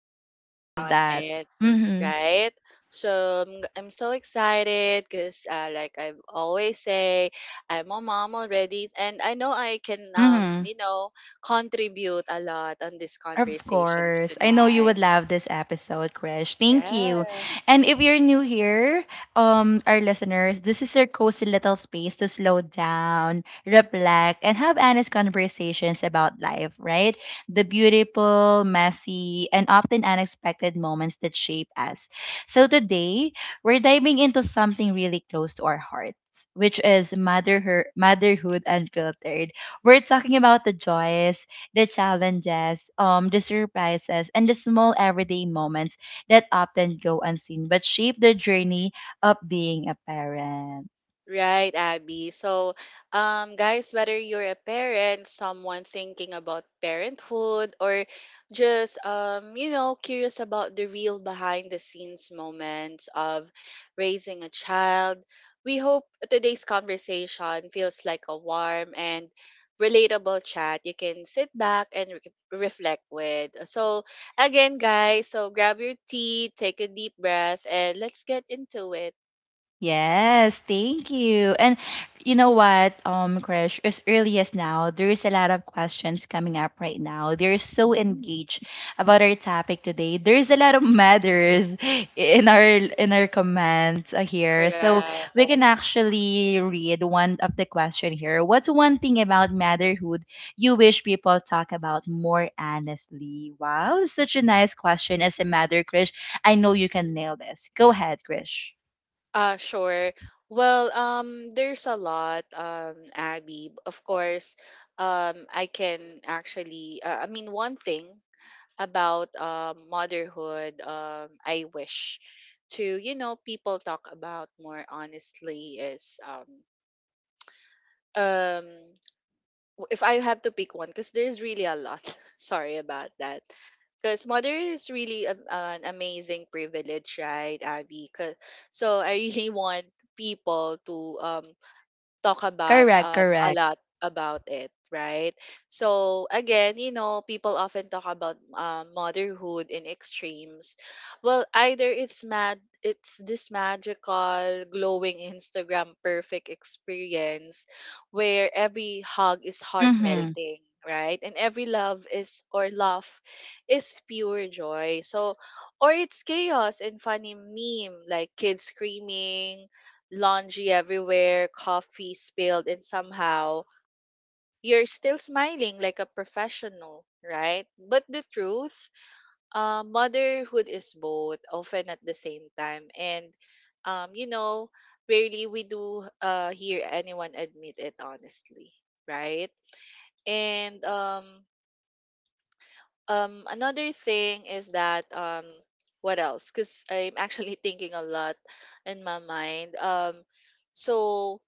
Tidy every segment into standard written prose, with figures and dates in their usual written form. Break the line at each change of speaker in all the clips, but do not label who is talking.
correct. We
everything's
love
on
that.
it,
Mm
right? So I'm so excited because like I always say, I'm a mom already, and I know I can
hmm. Mm hmm.
contribute a lot on this
Of
conversation
course. I know you would
tonight.
love this episode, Krish. Thank you.
Yes.
And if you're new here, our listeners, this is your cozy little space to slow down, reflect, and have honest conversations about life, right? The beautiful, messy, and often unexpected moments that shape us. So today, we're diving into something really close to our hearts. Which is motherhood, motherhood unfiltered. We're talking about the joys, the challenges, the surprises, and the small everyday moments that often go unseen but shape the journey of being a parent.
Right, Abby. So, guys, whether you're a parent, someone thinking about parenthood, or just curious about the real behind the scenes moments of raising a child, we hope today's conversation feels like a warm and relatable chat you can sit back and reflect with. So, again, guys, so grab your tea, take a deep breath, and let's get into it.
Yes, thank you. And you know what, Krish, as early as now, there is a lot of questions coming up right now. They're so
Mm.
engaged about our topic today. There's a lot of matters in our comments here. So
Correct.
we can actually read one of the question here. What's one thing about motherhood you wish people talk about more honestly? Wow, such a nice question as a mother, Krish. I know you can nail this. Go ahead, Krish.
Sure. Well, there's a lot, Abby. Of course, I can actually, I mean, one thing about motherhood, I wish to, you know, people talk about more honestly is um, if I have to pick one, because there's really a lot. Sorry about that. Because mother is really an amazing privilege, right, Abby? 'Cause- So I really want people to talk about
Correct,
a
correct.
lot about it, right? So again, you know, people often talk about motherhood in extremes. Well, either it's mad it's this magical glowing Instagram perfect experience where every hug is heart
Mhm,
melting, right, and every love is or laugh is pure joy. So or it's chaos and funny meme, like kids screaming, laundry everywhere, coffee spilled, and somehow you're still smiling like a professional, right? But the truth, motherhood is both, often at the same time. And, you know, rarely we do hear anyone admit it honestly, right? And another thing is that, what else? Because I'm actually thinking a lot in my mind. So,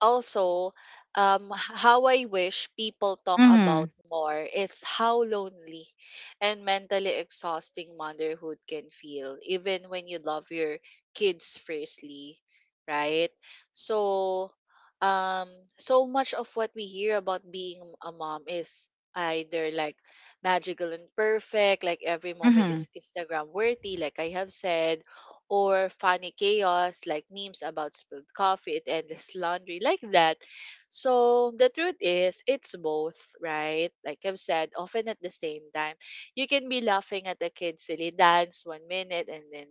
also how I wish people talk
mhm,
about more is how lonely and mentally exhausting motherhood can feel even when you love your kids fiercely, right? So um so much of what we hear about being a mom is either like magical and perfect, like every moment
mhm,
is Instagram worthy, like I have said, or funny chaos, like memes about spilled coffee and endless laundry, like that. So the truth is it's both, right? Like I've said, often at the same time. You can be laughing at a kid's silly dance 1 minute and then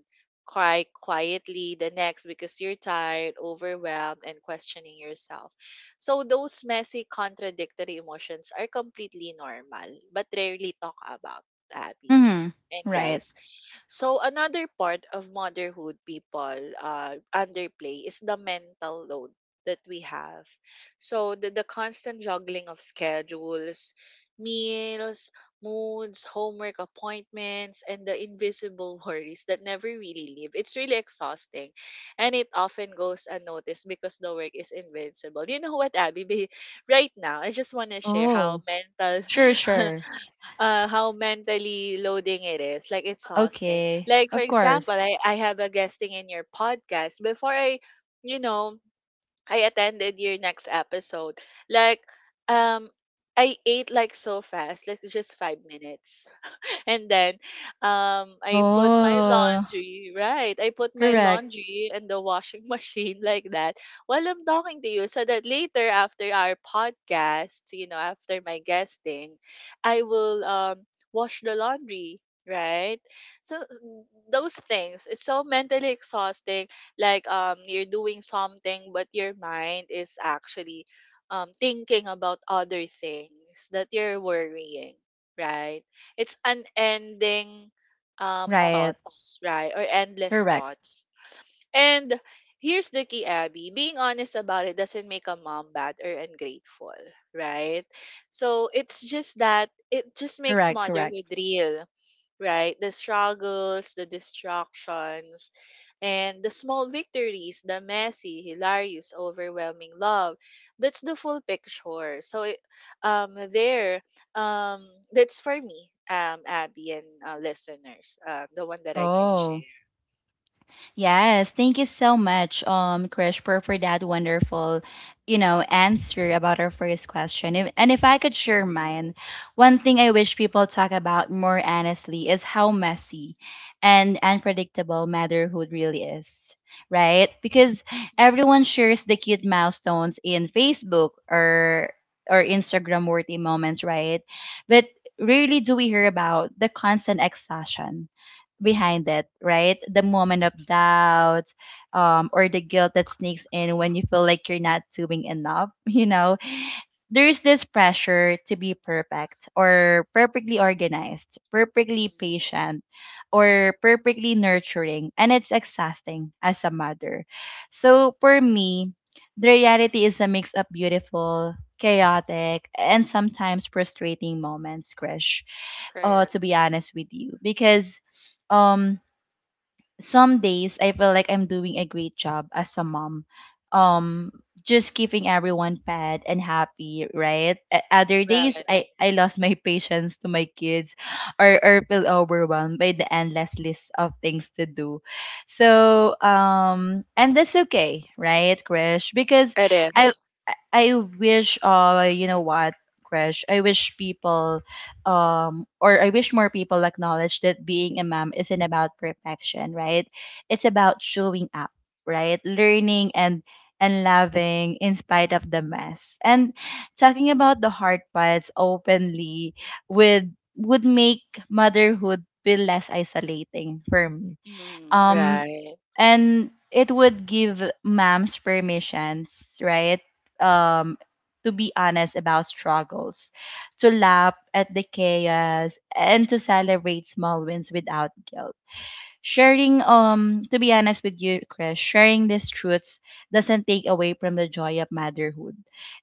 cry quietly the next because you're tired, overwhelmed, and questioning yourself. So those messy, contradictory emotions are completely normal, but rarely talk about, Abby.
mhm.
And
Right.
guys, so another part of motherhood people underplay is the mental load that we have. So the constant juggling of schedules, meals, moods, homework appointments, and the invisible worries that never really leave. It's really exhausting. And it often goes unnoticed because the work is invincible. You know what, Abby? Ba- Right now, I just want to share how
Oh,
mental
sure, sure.
how mentally loading it is, like it's exhausting.
Okay,
Like for
of course.
example, I have a guesting in your podcast before I, you know, I attended your next episode. Like um, I ate like so fast, like just 5 minutes. And then I put my
Oh,
laundry, right? I put my
correct.
laundry in the washing machine like that while I'm talking to you so that later after our podcast, you know, after my guesting, I will wash the laundry. Right, so those things, it's so mentally exhausting. Like you're doing something, but your mind is actually thinking about other things that you're worrying, right? It's unending
Right.
thoughts, right? Or endless
Correct.
thoughts. And here's the key, Abby. Being honest about it doesn't make a mom bad or ungrateful, right? So it's just that it just makes
Correct. Correct.
motherhood real, right? The struggles, the distractions, and the small victories, the messy, hilarious, overwhelming love. That's the full picture. So, um, there, um, that's for me, Abby and listeners, the one that I can
Oh.
share.
Yes, thank you so much, Krish, for that wonderful, you know, answer about our first question. If, and if I could share mine, one thing
Mhm.
I wish people talk about more honestly is how messy and unpredictable motherhood really is, right? Because everyone shares the cute milestones in Facebook or Instagram worthy moments, right? But rarely do we hear about the constant exhaustion behind it, right? The moment of doubt, or the guilt that sneaks in when you feel like you're not doing enough, you know? There's this pressure to be perfect or perfectly organized, perfectly
Mhm.
patient, or perfectly nurturing, and it's exhausting as a mother. So for me, the reality is a mix of beautiful, chaotic, and sometimes frustrating moments, Krish.
Correct.
To be honest with you, because um some days I feel like I'm doing a great job as a mom. Um just keeping everyone fed and happy, right? Other days
Right.
I lost my patience to my kids, or feel overwhelmed by the endless list of things to do. So and that's okay, right, Krish? Because
It
I
is.
I I wish you know what, Krish, I wish people or I wish more people acknowledge that being a mom isn't about perfection, right? It's about showing up, right? Learning and loving in spite of the mess. And talking about the hard parts openly would make motherhood feel less isolating for me.
Mhm.
Um
Right.
and it would give moms permissions, right? um to be honest about struggles, to laugh at the chaos, and to celebrate small wins without guilt, sharing to be honest with you, Chris, sharing these truths doesn't take away from the joy of motherhood.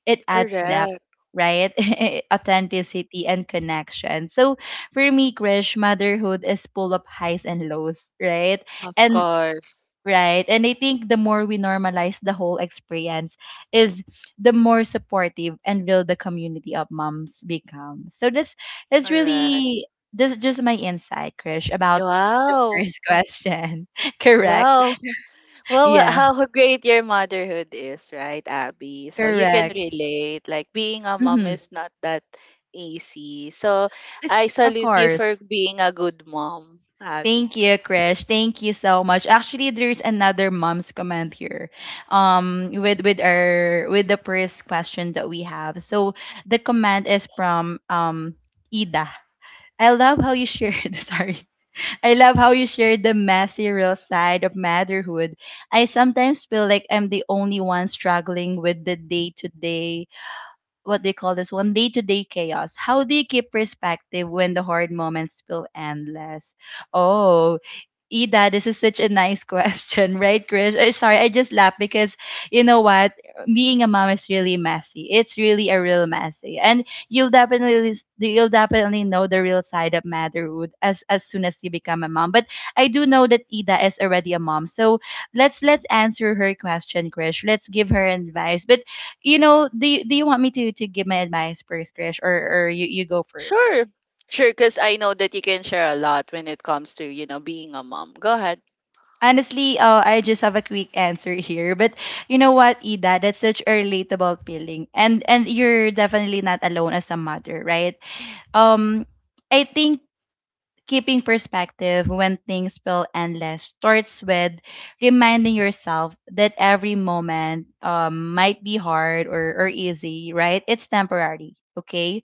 It adds depth,
Correct.
right? Authenticity and connection. So for me, Krish, motherhood is full of highs and lows, right?
Of
and
course.
Right. And I think the more we normalize the whole experience is the more supportive and will the community of moms become. So this is
Correct.
really this is just my insight, Krish, about the
Wow.
first question. Correct.
Wow. Well,
Yeah,
how great your motherhood is, right, Abby? So you can
correct.
relate. Like being a mom
Mm-hmm.
is not that easy. So
Yes.
I
Of
salute you for
course.
being a good mom, Abby.
Thank you, Krish. Thank you so much. Actually, there's another mom's comment here, with our with the first question that we have. So the comment is from Ida. I love how you shared. Sorry, I love how you shared the messy, real side of motherhood. I sometimes feel like I'm the only one struggling with the day to day what they call this one day to day chaos. How do you keep perspective when the hard moments feel endless? Oh, Ida, this is such a nice question, right, Krish? Eh, sorry, I just laughed because you know what? Being a mom is really messy. It's really a real messy, and you'll definitely know the real side of motherhood as soon as you become a mom. But I do know that Ida is already a mom, so let's answer her question, Krish. Let's give her advice. But you know, do you want me to give my advice first, Krish, or or you go first?
Sure. Sure, because I know that you can share a lot when it comes to, you know, being a mom. Go ahead.
Honestly, I just have a quick answer here, but you know what, Ida, that's such a relatable feeling, and you're definitely not alone as a mother, right? Um, I think keeping perspective when things feel endless starts with reminding yourself that every moment might be hard or easy, right? It's temporary, okay?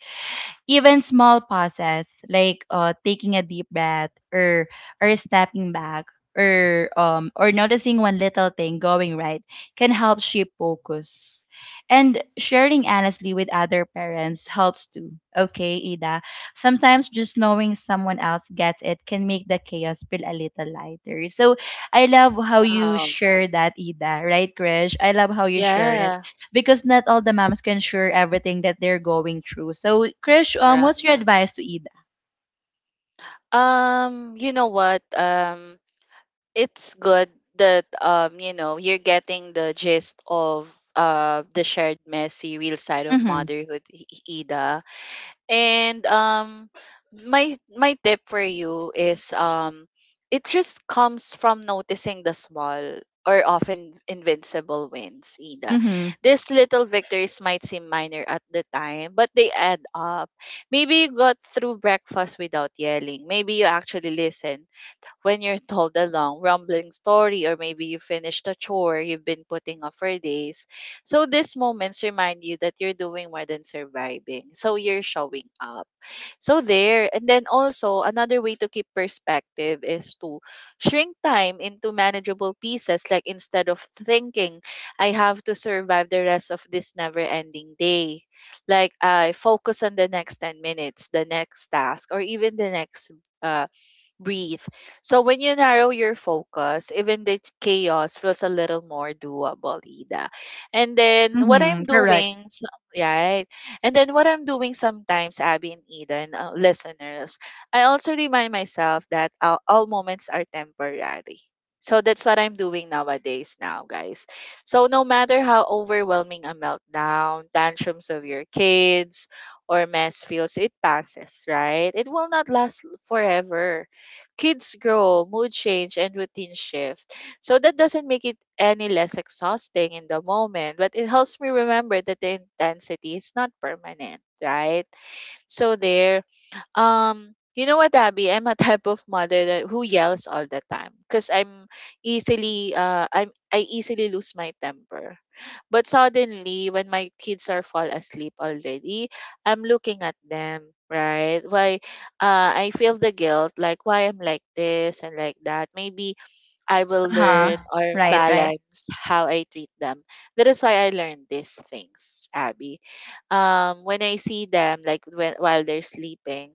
Even small pauses, like taking a deep breath, or stepping back, or noticing one little thing going right, can help shape focus. And sharing honestly with other parents helps too, okay, Ida? Sometimes just knowing someone else gets it can make the chaos feel a little lighter. So I love how you
Wow.
share that, Ida, right, Krish? I love how you share it,
Yeah.
because not all the moms can share everything that they're going through. So, Krish,
Right.
what's your advice to Ida?
You know what? It's good that you know, you're getting the gist of the shared messy real side of
Mm-hmm.
motherhood, Ida. And my my tip for you is it just comes from noticing the small or often invincible wins, Ida.
Mm-hmm.
These little victories might seem minor at the time, but they add up. Maybe you got through breakfast without yelling, maybe you actually listened when you're told a long, rumbling story, or maybe you finished a chore you've been putting off for days. So these moments remind you that you're doing more than surviving. So you're showing up. So there, and then also another way to keep perspective is to shrink time into manageable pieces. Like instead of thinking, I have to survive the rest of this never ending day, like I focus on the next 10 minutes, the next task, or even the next uh, breathe. So when you narrow your focus, even the chaos feels a little more doable, Ida. And then what I'm
Mm-hmm. Correct.
doing, yeah, right? And then what I'm doing sometimes, Abby and Ida and listeners, I also remind myself that all moments are temporary. So that's what I'm doing nowadays now, guys. So no matter how overwhelming a meltdown, tantrums of your kids, or mess feels, it passes, right? It will not last forever. Kids grow, mood change, and routine shift. So that doesn't make it any less exhausting in the moment, but it helps me remember that the intensity is not permanent, right? So there, you know what, Abby? I'm a type of mother that who yells all the time because I'm easily I easily lose my temper. But suddenly, when my kids are fall asleep already, I'm looking at them, right? Why I feel the guilt, like why I'm like this and like that. Maybe I will
Uh-huh.
learn or
Right, right.
balance how I treat them. That is why I learned these things, Abby. When I see them like when, while they're sleeping,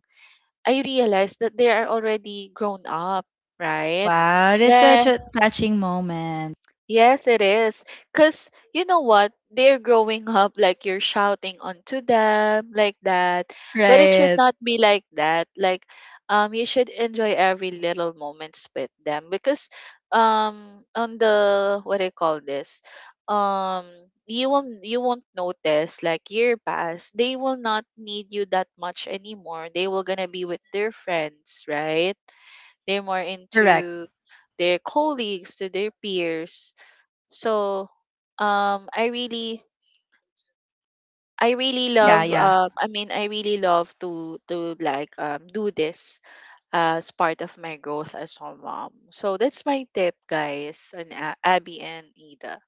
I realized that they are already grown up, right?
Wow, that's
That
such a touching moment.
Yes, it is. Because you know what? They're growing up like you're shouting onto them like that. But it should
Right.
not be like that. Like, you should enjoy every little moments with them because, on the what do you call this? Um, you won't, you won't notice like year pass. They will not need you that much anymore. They will gonna be with their friends, right? They're more
Correct.
into their colleagues to their peers. So I really, I really
Yeah,
love
yeah.
I really love to like do this as part of my growth as a mom. So that's my tip, guys, and Abby and Ida.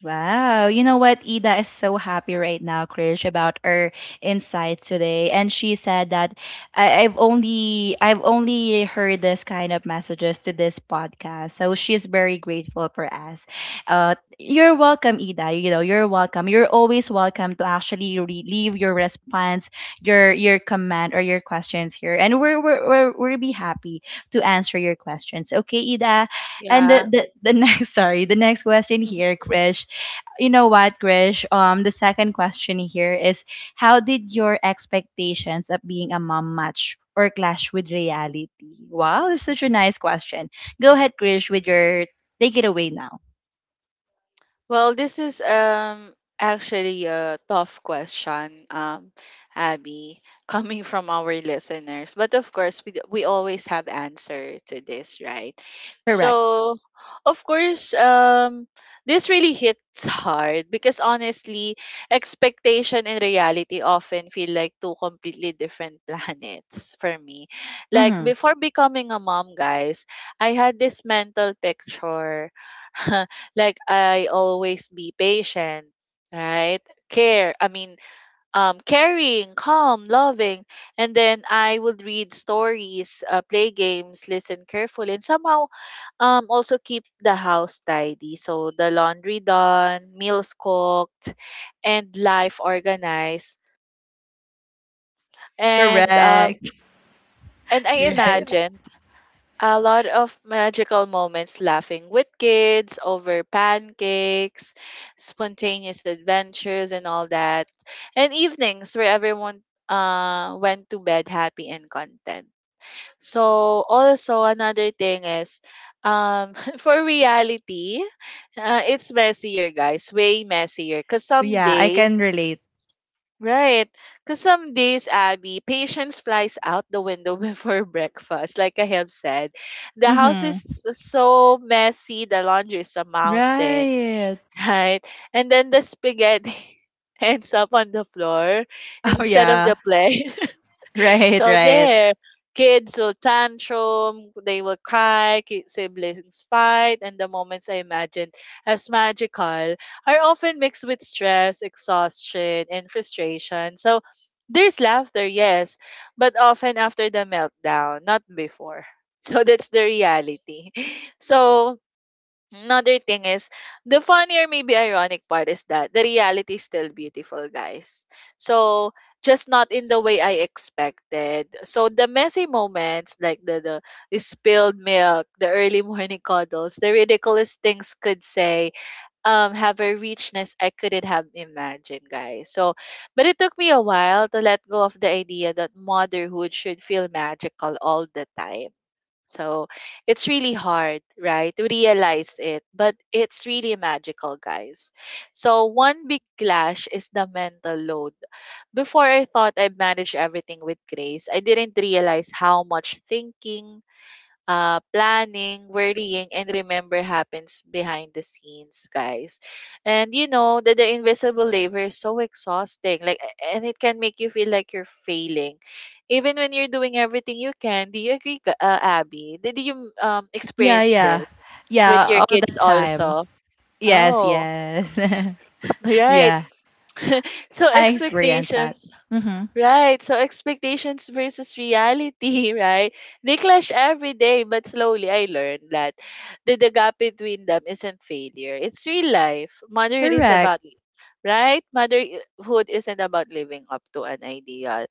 Wow. You know what? Ida is so happy right now, Krish, about her insights today. And she said that I've only heard this kind of messages to this podcast. So she's very grateful for us. Uh, you're welcome, Ida. You know, you're welcome. You're always welcome to actually leave your response, your comment or your questions here. And we're we'll be happy to answer your questions. Okay, Ida? And the,
Yeah.
the the next sorry, the next question here, Krish. You know what, Krish, the second question here is, how did your expectations of being a mom match or clash with reality? Wow, that's such a nice question. Go ahead, Krish, with your take it away now.
Well, this is actually a tough question, Abby, coming from our listeners. But of course, we always have answer to this, right?
Correct.
So, of course, this really hits hard because honestly, expectation and reality often feel like two completely different planets for me. Like
Mm-hmm.
before becoming a mom, guys, I had this mental picture. Like I always be patient, right? Care, I mean, caring, calm, loving, and then I would read stories, play games, listen carefully, and somehow also keep the house tidy. So the laundry done, meals cooked, and life organized. And um
Correct.
and I
Right.
imagine a lot of magical moments laughing with kids over pancakes, spontaneous adventures and all that. And evenings where everyone went to bed happy and content. So also another thing is um for reality, it's messier guys, way messier cuz some
Yeah, I can
days
relate.
Right. Because some days, Abby, patience flies out the window before breakfast, like I have said. The house is
Mm-hmm.
so messy, the laundry is a mountain,
Right.
right? And then the spaghetti ends up on the floor
Oh
instead of the
yeah.
plate.
Right,
So
right.
there, kids will tantrum, they will cry, siblings fight, and the moments I imagined as magical are often mixed with stress, exhaustion, and frustration. So there's laughter, yes, but often after the meltdown, not before. So that's the reality. So another thing is the funny or maybe ironic part is that the reality is still beautiful, guys. So just not in the way I expected. So the messy moments like the spilled milk, the early morning cuddles, the ridiculous things could say have a richness I couldn't have imagined, guys. So but it took me a while to let go of the idea that motherhood should feel magical all the time, so it's really hard, right, to realize it, but it's really magical, guys. So one big clash is the mental load. Before I thought I managed everything with grace, I didn't realize how much thinking, planning, worrying, and remember happens behind the scenes, guys. And you know that the invisible labor is so exhausting, like, a- and it can make you feel like you're failing, even when you're doing everything you can. Do you agree, Abby? Did you
Yeah,
experience
yeah.
this with
Yeah,
your
all the
kids
time.
also?
Yes,
Oh,
yes.
right.
Yeah,
so
I experienced that.
expectations
Mm-hmm.
Right. So expectations versus reality, right? They clash every day, but slowly I learned that the gap between them isn't failure. It's real life. Motherhood is
Correct.
about right? Motherhood isn't about living up to an ideal.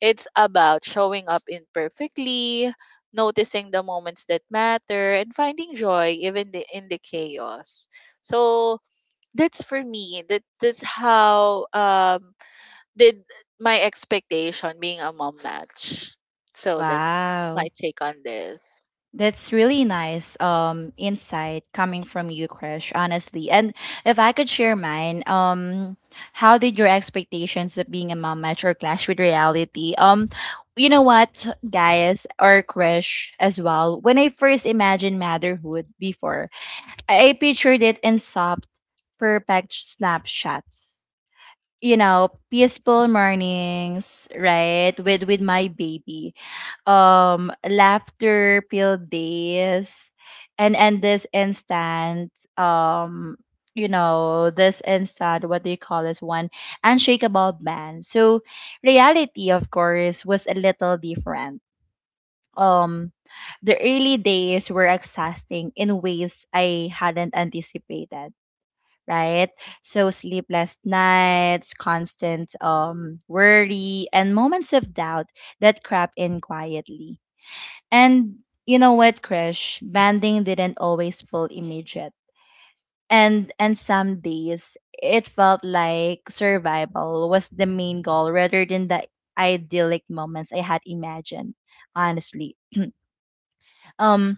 It's about showing up imperfectly, noticing the moments that matter, and finding joy in the chaos. So that's for me. That's how did my expectation being a mom match? So that's my
Wow.
take on this.
That's really nice insight coming from you, Krish, honestly. And if I could share mine, how did your expectations of being a mom match or clash with reality? You know what, guys, or Krish as well. When I first imagined motherhood before, I pictured it in soft, perfect snapshots. You know, peaceful mornings, right, with my baby, laughter filled days, and this instant um you know, this instant, what do you call this one, unshakable man. So reality, of course, was a little different. um the early days were exhausting in ways I hadn't anticipated, right? So sleepless nights, constant worry, and moments of doubt that crop in quietly. And you know what, Krish? Banding didn't always feel immediate. And some days it felt like survival was the main goal rather than the idyllic moments I had imagined, honestly. Um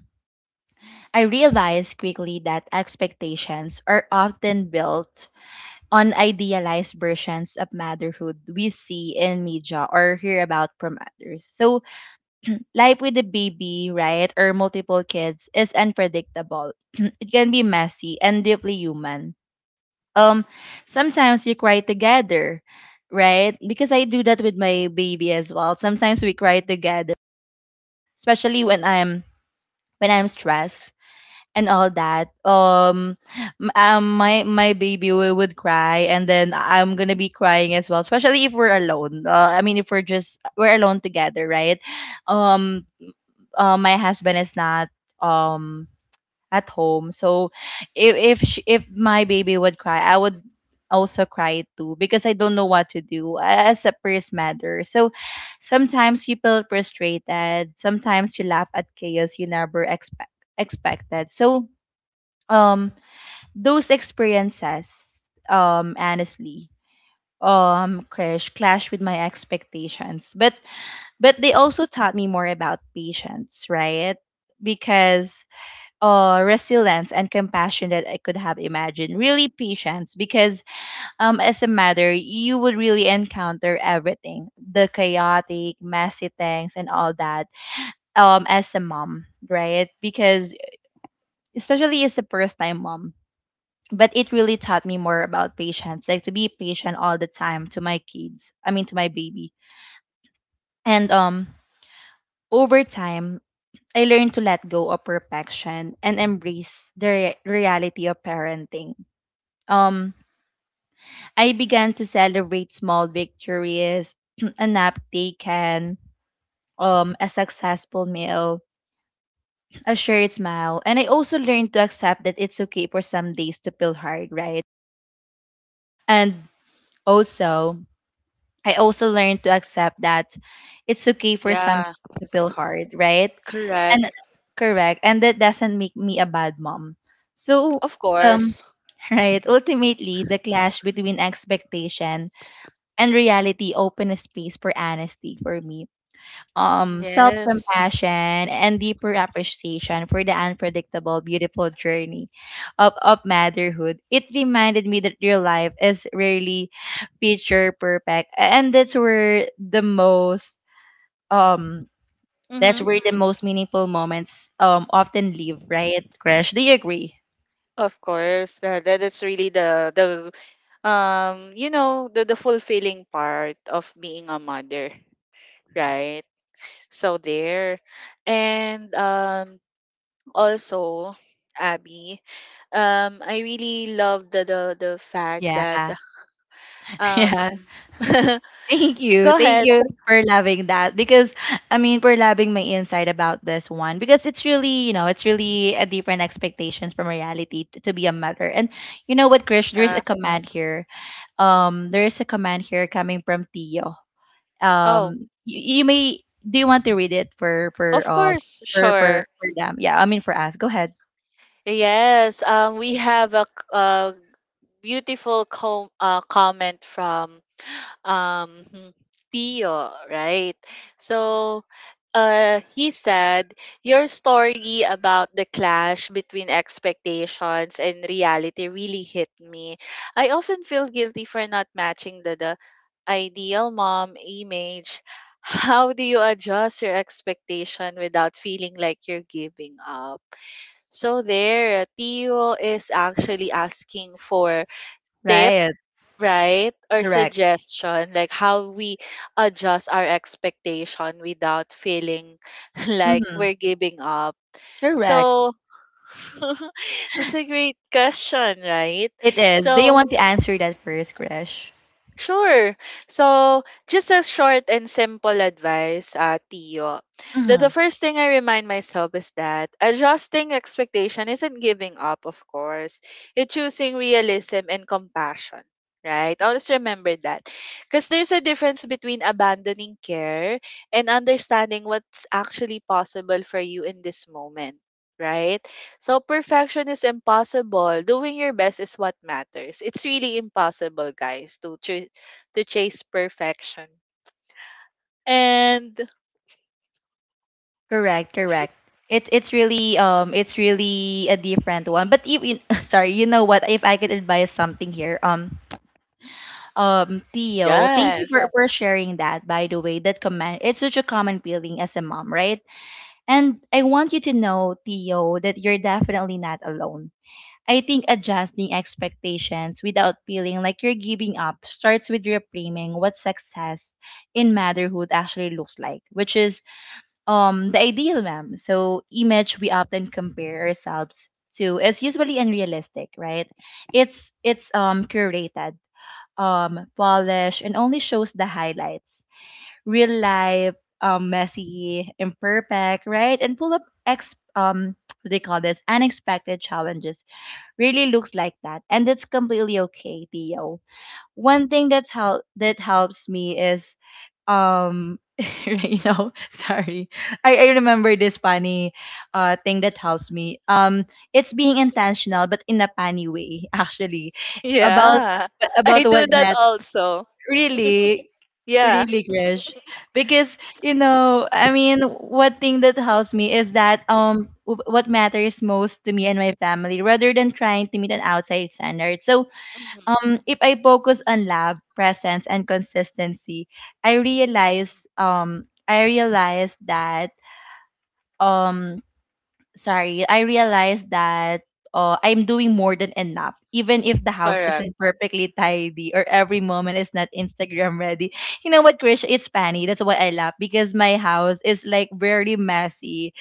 I realized quickly that expectations are often built unidealized versions of motherhood we see in media or hear about from others. So life with a baby, right, or multiple kids is unpredictable. It can be messy and deeply human. Um, sometimes you cry together, right? Because I do that with my baby as well. Sometimes we cry together, especially when I'm stressed and all that, my baby would cry, and then I'm gonna be crying as well, especially if we're alone. I mean, if we're alone together, right? um my husband is not um at home, so if my baby would cry, I would also cry too, because I don't know what to do as a first matter. So sometimes you feel frustrated, sometimes you laugh at chaos you never expected. So um those experiences, honestly, crash clash with my expectations, but they also taught me more about patience, right? Because resilience and compassion that I could have imagined. Really patience, because as a mother you would really encounter everything, the chaotic messy things and all that, as a mom, right? Because especially as a first time mom, but it really taught me more about patience, like to be patient all the time to my kids, I mean to my baby. And over time, I learned to let go of perfection and embrace the reality of parenting. um I began to celebrate small victories, a nap taken, a successful meal, a shared smile. And I also learned to accept that it's okay for some days to feel hard, right? And also, I also learned to accept that it's okay for some
Yeah,
to feel hard, right? And
correct.
correct. And that doesn't make me a bad mom. So
Of
um
course.
right, ultimately the clash between expectation and reality opened a space for honesty for me, self
Yes.
compassion, and deeper appreciation for the unpredictable, beautiful journey of motherhood. It reminded me that your life is really picture perfect, and that's where um that's
Mm-hmm.
where the most meaningful moments often live, right, Crash? Do you agree?
Of course, that that is really the you know the fulfilling part of being a mother, right? So there, and also Abby, I really love the fact
Yeah,
that um.
yeah. Thank you.
Go
Thank
ahead.
you for loving that, because I mean for loving my insight about this one, because it's really, you know, it's really a different expectations from reality to be a mother. And you know what, Krish, there is a command here. There is a command here coming from Tio.
Oh,
You, you may Do you want to read it for for
of
uh
course,
for for
sure.
for them? Yeah, I mean for us. Go ahead.
Yes, we have a, c- a beautiful com comment from hmm, Tio, right? So he said, your story about the clash between expectations and reality really hit me. I often feel guilty for not matching the ideal mom image. How do you adjust your expectation without feeling like you're giving up? So there, Tio is actually asking for tip,
Right.
right? Or
Correct.
suggestion, like how we adjust our expectation without feeling like
Mhm.
we're giving up.
Correct.
So it's a great question, right?
It is. Do you
So
want to answer that first, Krish?
sure. So, just a short and simple advice, Tio. The
Mm-hmm.
first thing I remind myself is that adjusting expectation isn't giving up, of course. It's choosing realism and compassion, right? Always remember that. Because there's a difference between abandoning care and understanding what's actually possible for you in this moment, right? So perfection is impossible. Doing your best is what matters. It's really impossible, guys, to chase perfection. And
Correct, correct. It's really a different one. But you sorry, you know what? If I could advise something here, Theo, thank you for
yes.
sharing that. By the way, that comment it's such a common feeling as a mom, right? And I want you to know, Theo, that you're definitely not alone. I think adjusting expectations without feeling like you're giving up starts with reframing what success in motherhood actually looks like, which is the ideal ma'am so image we often compare ourselves to is usually unrealistic, right? It's curated, polished, and only shows the highlights. Real life, messy, imperfect, right, and full of ex what do they call this, unexpected challenges, really looks like that. And it's completely okay, Theo. One thing that's how that helps me is um you know, sorry. I remember this funny thing that helps me, it's being intentional but in a funny way actually, about
Yeah. I do
what
that
matters,
also.
really
Yeah.
really, Krish, because you know, I mean what thing that helps me is that what matters most to me and my family, rather than trying to meet an outside standard. So,
Hmm.
if I focus on lab presence and consistency, I realize that um sorry, I realize that I'm doing more than enough. Even if the house
Correct.
isn't perfectly tidy or every moment is not Instagram ready. You know what, Krish? It's funny. That's why I laugh because my house is like very messy.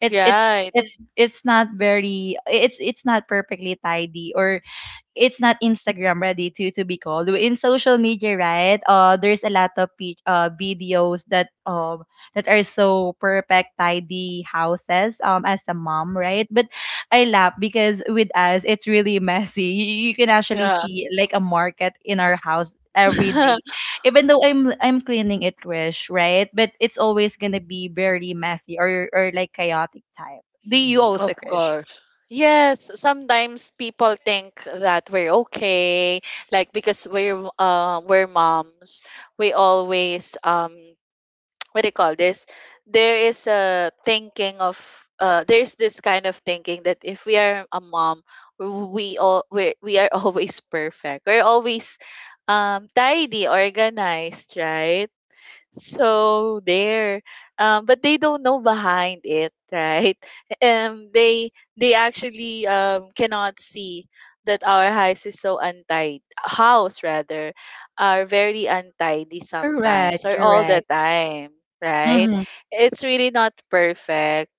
It's it's
Yeah. It-
it's it's not very it's it's not perfectly tidy, or it's not Instagram ready to be called in social media, right? There's a lot of videos that that are so perfect tidy houses, as a mom, right? But I laugh because with us it's really messy. You can actually
Yeah.
see like a market in our house every day, even though I'm cleaning it, Krish, right? But it's always gonna be very messy, or like chaotic type, do you
Of
also, Krish?
course. Yes, sometimes people think that we're okay, like because we're moms, we always what do you call this, there is a thinking of there's this kind of thinking that if we are a mom we all we are always perfect, we're always tidy, organized, right? So there, but they don't know behind it, right? Um, they they actually cannot see that our house is so untidy. House rather, are very untidy sometimes
Correct,
or all the
correct.
time, right? It's really not perfect,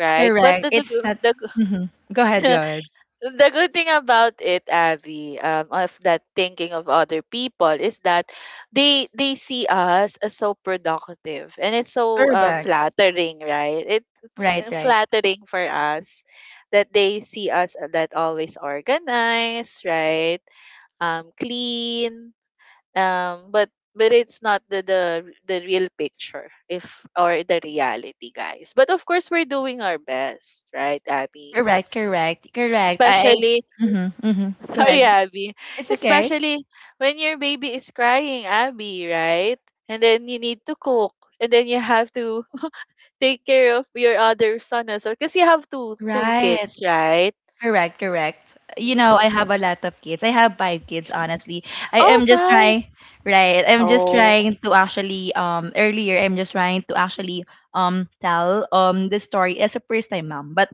right? But
Correct.
the
It's
the,
not.
the
Mhm. Go ahead. Go ahead.
The good thing about it, Avi, of that thinking of other people is that they see us as so productive, and it's so
Correct.
flattering, right? It's
Right. Right.
flattering for us that they see us that always organized, right? Clean. Um, but but it's not the real picture, if or the reality, guys. But of course, we're doing our best, right, Abby?
Correct. Correct. Correct. I.
Especially
Mm-hmm, mm-hmm. Go
sorry,
ahead.
Abby.
It's okay.
Especially when your baby is crying, Abby, right? And then you need to cook. And then you have to take care of your other son as well. Because you have two
Right.
kids, right?
Correct. Correct. You know, I
Mm.
have a lot of kids. I have five kids. Honestly, I
Oh,
am just
five.
trying. Right. I'm just
Oh.
trying to actually. Earlier, I'm just trying to actually. Tell. The story as a first time mom, but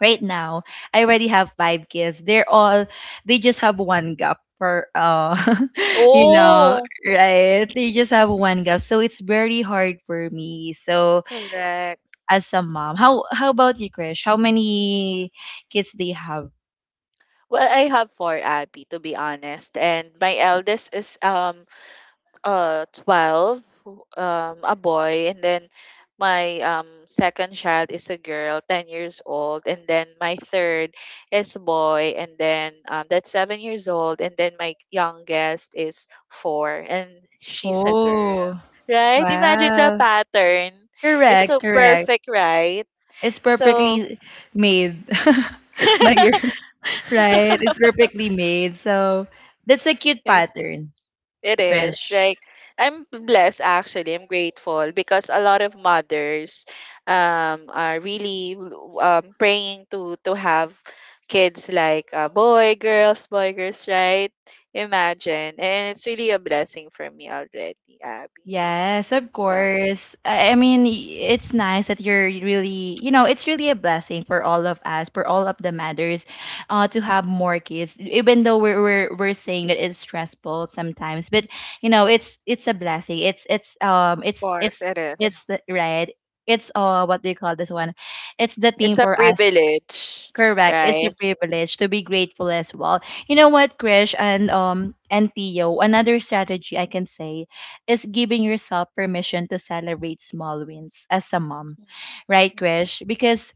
right now I already have five kids, they're all, they just have one gap for you know,
Oh.
right, they just have one gap, so it's very hard for me. So,
Correct.
as a mom, how about you, Krish? How many kids do you have?
Well, I have four, Abby, to be honest. And my eldest is 12, who- a boy, and then my second child is a girl, 10 years old, and then my third is a boy, and then that's 7 years old, and then my youngest is 4 and she's a girl,
Oh,
right? Imagine the
wow.
pattern. It's so
Correct, correct.
perfect, right?
It's
So
perfectly made by your right, it's perfectly made. So that's a cute
like,
pattern,
it is.
Krish.
Like I'm blessed actually. I'm grateful because a lot of mothers are really praying to have kids like boy girls boy girls, right? Imagine, and it's really a blessing for me already, Abby,
Yes, of
so
course. I mean, it's nice that you're really, you know, it's really a blessing for all of us, for all of the mothers, to have more kids. Even though we're we're saying that it's stressful sometimes, but you know, it's a blessing. It's it's um
of
it's
course,
it's
it is.
it's the right. It's what do you call this one? It's the
It's
thing
a
for us.
privilege,
Correct. It's a
right?
privilege to be grateful as well. You know what, Krish, and and Theo, another strategy I can say is giving yourself permission to celebrate small wins as a mom.
Mhm.
Right,
Mhm.
Krish? Because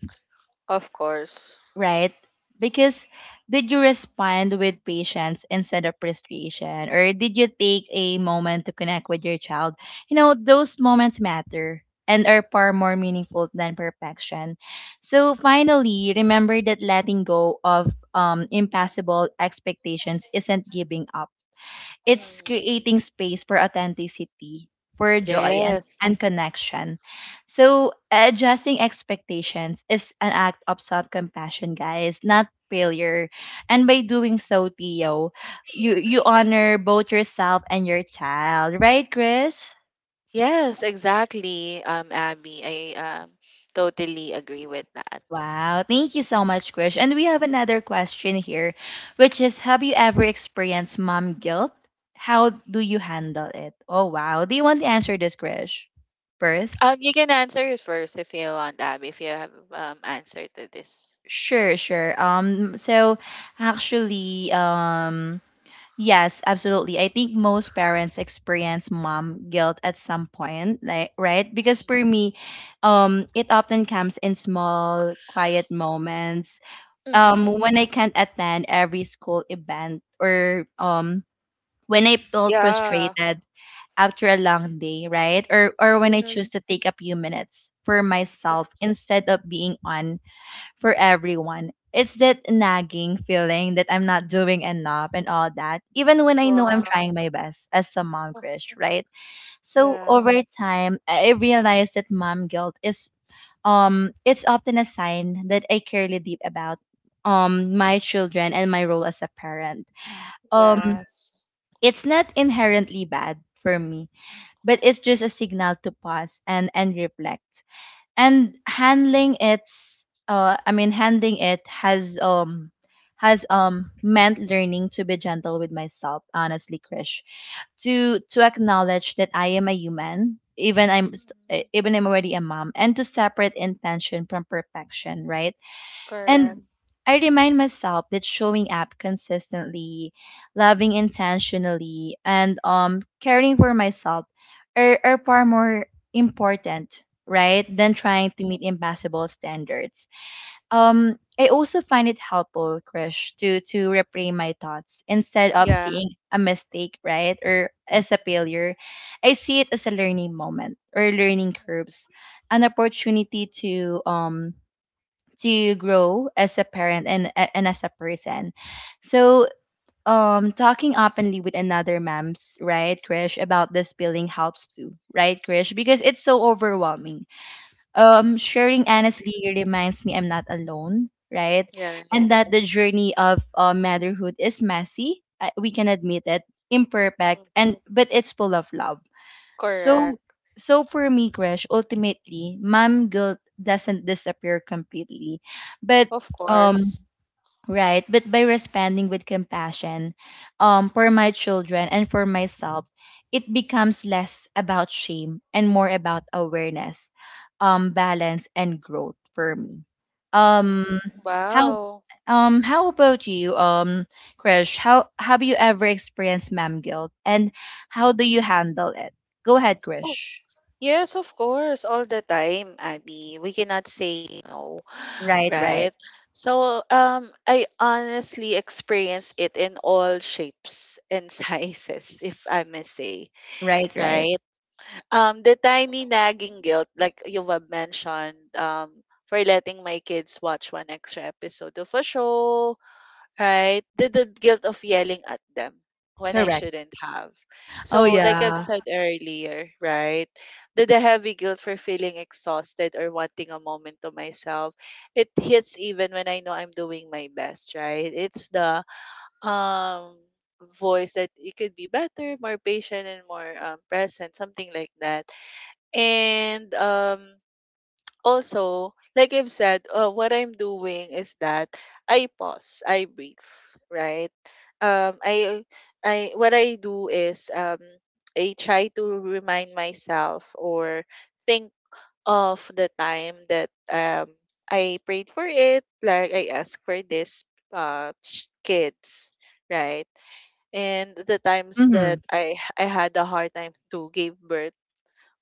Of course.
right? Because did you respond with patience instead of frustration? Or did you take a moment to connect with your child? You know, those moments matter and are far more meaningful than perfection. So finally, remember that letting go of impassable expectations isn't giving up. It's
Mhm.
creating space for authenticity, for joy, and,
Yes.
and connection. So adjusting expectations is an act of self-compassion, guys, not failure. And by doing so, Theo, you honor both yourself and your child, right, Chris?
Yes, exactly, Abby. I totally agree with that.
Wow, thank you so much, Krish. And we have another question here, which is, have you ever experienced mom guilt? How do you handle it? Oh, wow. Do you want to answer this, Krish, first?
You can answer it first if you want, Abby, if you have answer to this.
Sure, sure. Actually, yes, absolutely. I think most parents experience mom guilt at some point, like, right? Because for me, it often comes in small, quiet moments.
Hmm. Mm-hmm.
When I can't attend every school event, or when I felt
Yeah.
frustrated after a long day, right? Or when I
Mhm.
choose to take a few minutes for myself instead of being on for everyone. It's that nagging feeling that I'm not doing enough and all that, even when I know I'm
Wow.
trying my best as a mom,
Oh.
Krish, right? So
Yeah.
over time, I realized that mom guilt is it's often a sign that I carry deep about my children and my role as a parent. Um
Yes.
it's not inherently bad for me, but it's just a signal to pause and reflect, and handling it has meant learning to be gentle with myself, honestly, Krish. To acknowledge that I am a human,
Mhm.
even I'm already a mom, and to separate intention from perfection, right?
Correct.
And I remind myself that showing up consistently, loving intentionally, and caring for myself are far more important, right, than trying to
Mm.
meet impossible standards. I also find it helpful, Krish, to reframe my thoughts, instead of
Yeah.
seeing a mistake, right, or as a failure. I see it as a learning moment, or learning curves, an opportunity to grow as a parent, and as a person. So talking openly with another moms, right, Krish, about this feeling helps too, right, Krish? Because it's so overwhelming. Sharing
Mhm. Mhm.
honestly reminds me I'm not alone, right?
Yeah. Right.
And that the journey of motherhood is messy. We can admit it,
Mm.
imperfect, and but it's full of love. So,
Correct.
for me, Crash, ultimately, mom guilt doesn't disappear completely. But
Of
um
course.
right, but by responding with compassion for my children and for myself, it becomes less about shame and more about awareness, balance, and growth for me. Um
Mm.
how,
Wow.
how about you, Krish? How have you ever experienced ma'am guilt, and how do you handle it? Go ahead, Krish.
Yes, of course, all the time, Abby. We cannot say no,
Right,
right?
right,
So, I honestly experience it in all shapes and sizes, if I may say,
right, right.
right? The tiny nagging guilt, like you've mentioned, for letting my kids watch one extra episode of a show, right? The guilt of yelling at them when I
Correct.
shouldn't have.
Oh
So, like I've
yeah.
said earlier, right? The heavy guilt for feeling exhausted or wanting a moment to myself, it hits even when I know I'm doing my best, right? It's the um voice that you could be better, more patient, and more present, something like that. And also, like I've said, what I'm doing is that I pause, I breathe, right? Um, I, what I do is I try to remind myself or think of the time that I prayed for it, like I asked for this ch- kids, right? And the times
Mhm.
that I had a hard time to give birth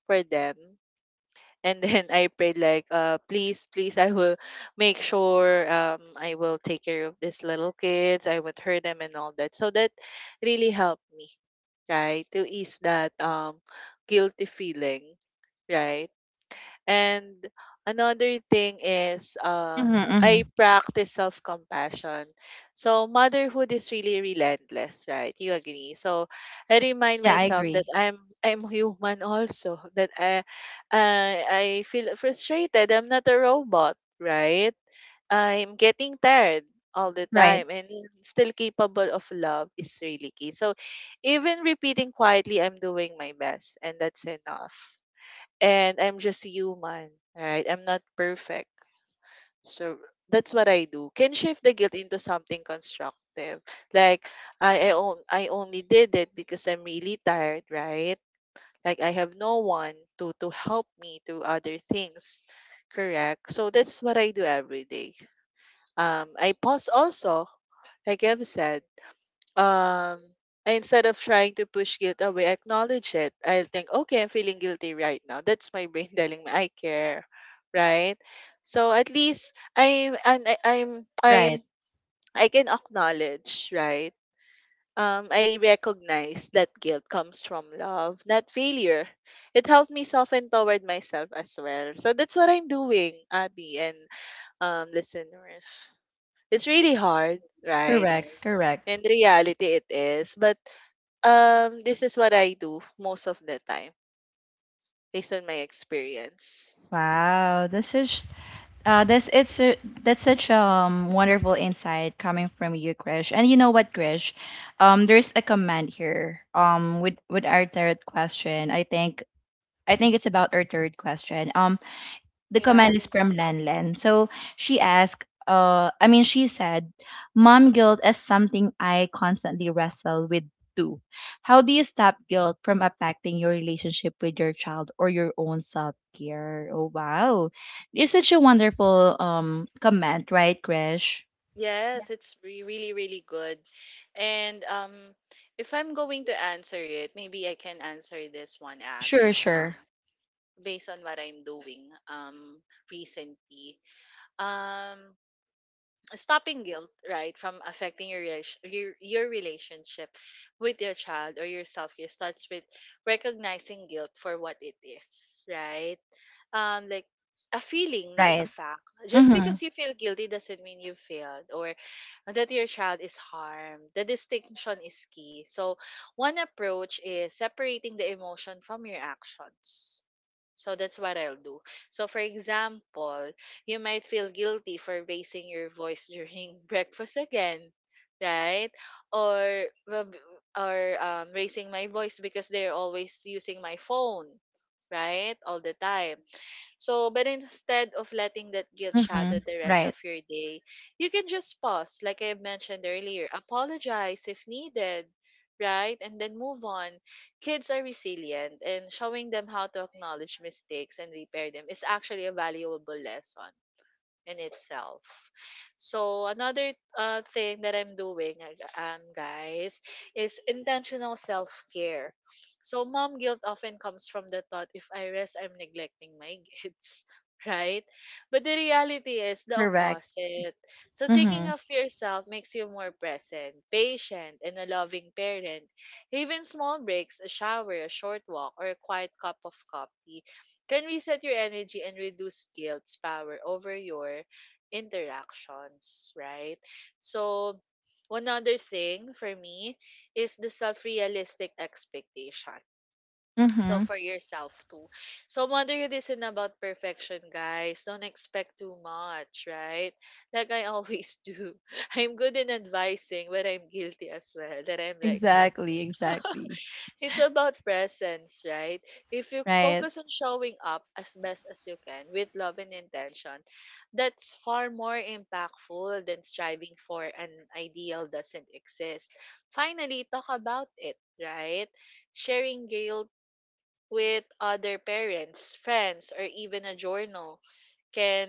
for them, and then I prayed like, please, please, I will make sure I will take care of these little kids. I would hurt them and all that. So that really helped me, right, to ease that guilty feeling, right? And another thing is
Mhm.
I
Mhm.
practice self-compassion. So motherhood is really relentless, right? You agree. So I remind
Yeah, I
myself that
agree.
I'm human also, that I feel frustrated. I'm not a robot, right? I'm getting tired all the
Right,
time, and still capable of love is really key. So even repeating quietly, I'm doing my best and that's enough, and I'm just human, right? I'm not perfect. So that's what I do. Can shift the guilt into something constructive. Like I only did it because I'm really tired, right? Like I have no one to help me to other things. Correct. So that's what I do every day. I pause also, like I've said, um I- instead of trying to push guilt away, acknowledge it. I'll think, okay, I'm feeling guilty right now. That's my brain telling me I care, right? So at least I'm and I
right.
I can acknowledge, right? I recognize that guilt comes from love, not failure. It helped me soften toward myself as well. So that's what I'm doing, Abby and listeners. It's really hard, right?
Correct, correct.
In reality, it is. But this is what I do most of the time based on my experience.
Wow, this is uh this it's a, that's such wonderful insight coming from you, Krish. And you know what, Krish? There's a comment here with our third question. I think it's about our third question. The
Yeah.
comment is from Lanlan. So she asked, I mean, she said, "Mom guilt is something I constantly wrestle with too. How do you stop guilt from affecting your relationship with your child or your own self care?" Oh wow, it's such a wonderful comment, right, Krish? Yeah.
Yes, it's re- really, really good. And if I'm going to answer it, maybe I can answer this one,
Sure,
Abby,
sure,
based on what I'm doing recently. Um, stopping guilt right from affecting your, relation, your relationship with your child or yourself here starts with recognizing guilt for what it is, right? Um like a feeling, not a
right.
fact. Just because
Mhm,
you feel guilty doesn't mean you failed or that your child is harmed. The distinction is key. So one approach is separating the emotion from your actions, so that's what I'll do. So, for example, you might feel guilty for raising your voice during breakfast again, right? Or well, or raising my voice because they're always using my phone, right, all the time. So, but instead of letting that guilt shadow
mhm,
the rest of
right,
your day, you can just pause, like I mentioned earlier, apologize if needed, right? And then move on. Kids are resilient, and showing them how to acknowledge mistakes and repair them is actually a valuable lesson in itself. So another thing that I'm doing, guys, is intentional self care. So mom guilt often comes from the thought: if I rest, I'm neglecting my kids. Right? But the reality is the
correct.
opposite. So, taking care
Mhm,
of yourself makes you more present, patient, and a loving parent. Even small breaks, a shower, a short walk, or a quiet cup of coffee can reset your energy and reduce guilt's power over your interactions, right? So, one other thing for me is the self realistic expectation. So,
mhm.
for yourself too. So, motherhood isn't about perfection, guys. Don't expect too much, right? Like I always do. I'm good in advising, but I'm guilty as well that I'm like this.
Exactly, exactly.
It's about presence, right? If you
Right.
focus on showing up as best as you can with love and intention, that's far more impactful than striving for an ideal doesn't exist. Finally, talk about it, right? Sharing guilt with other parents, friends, or even a journal can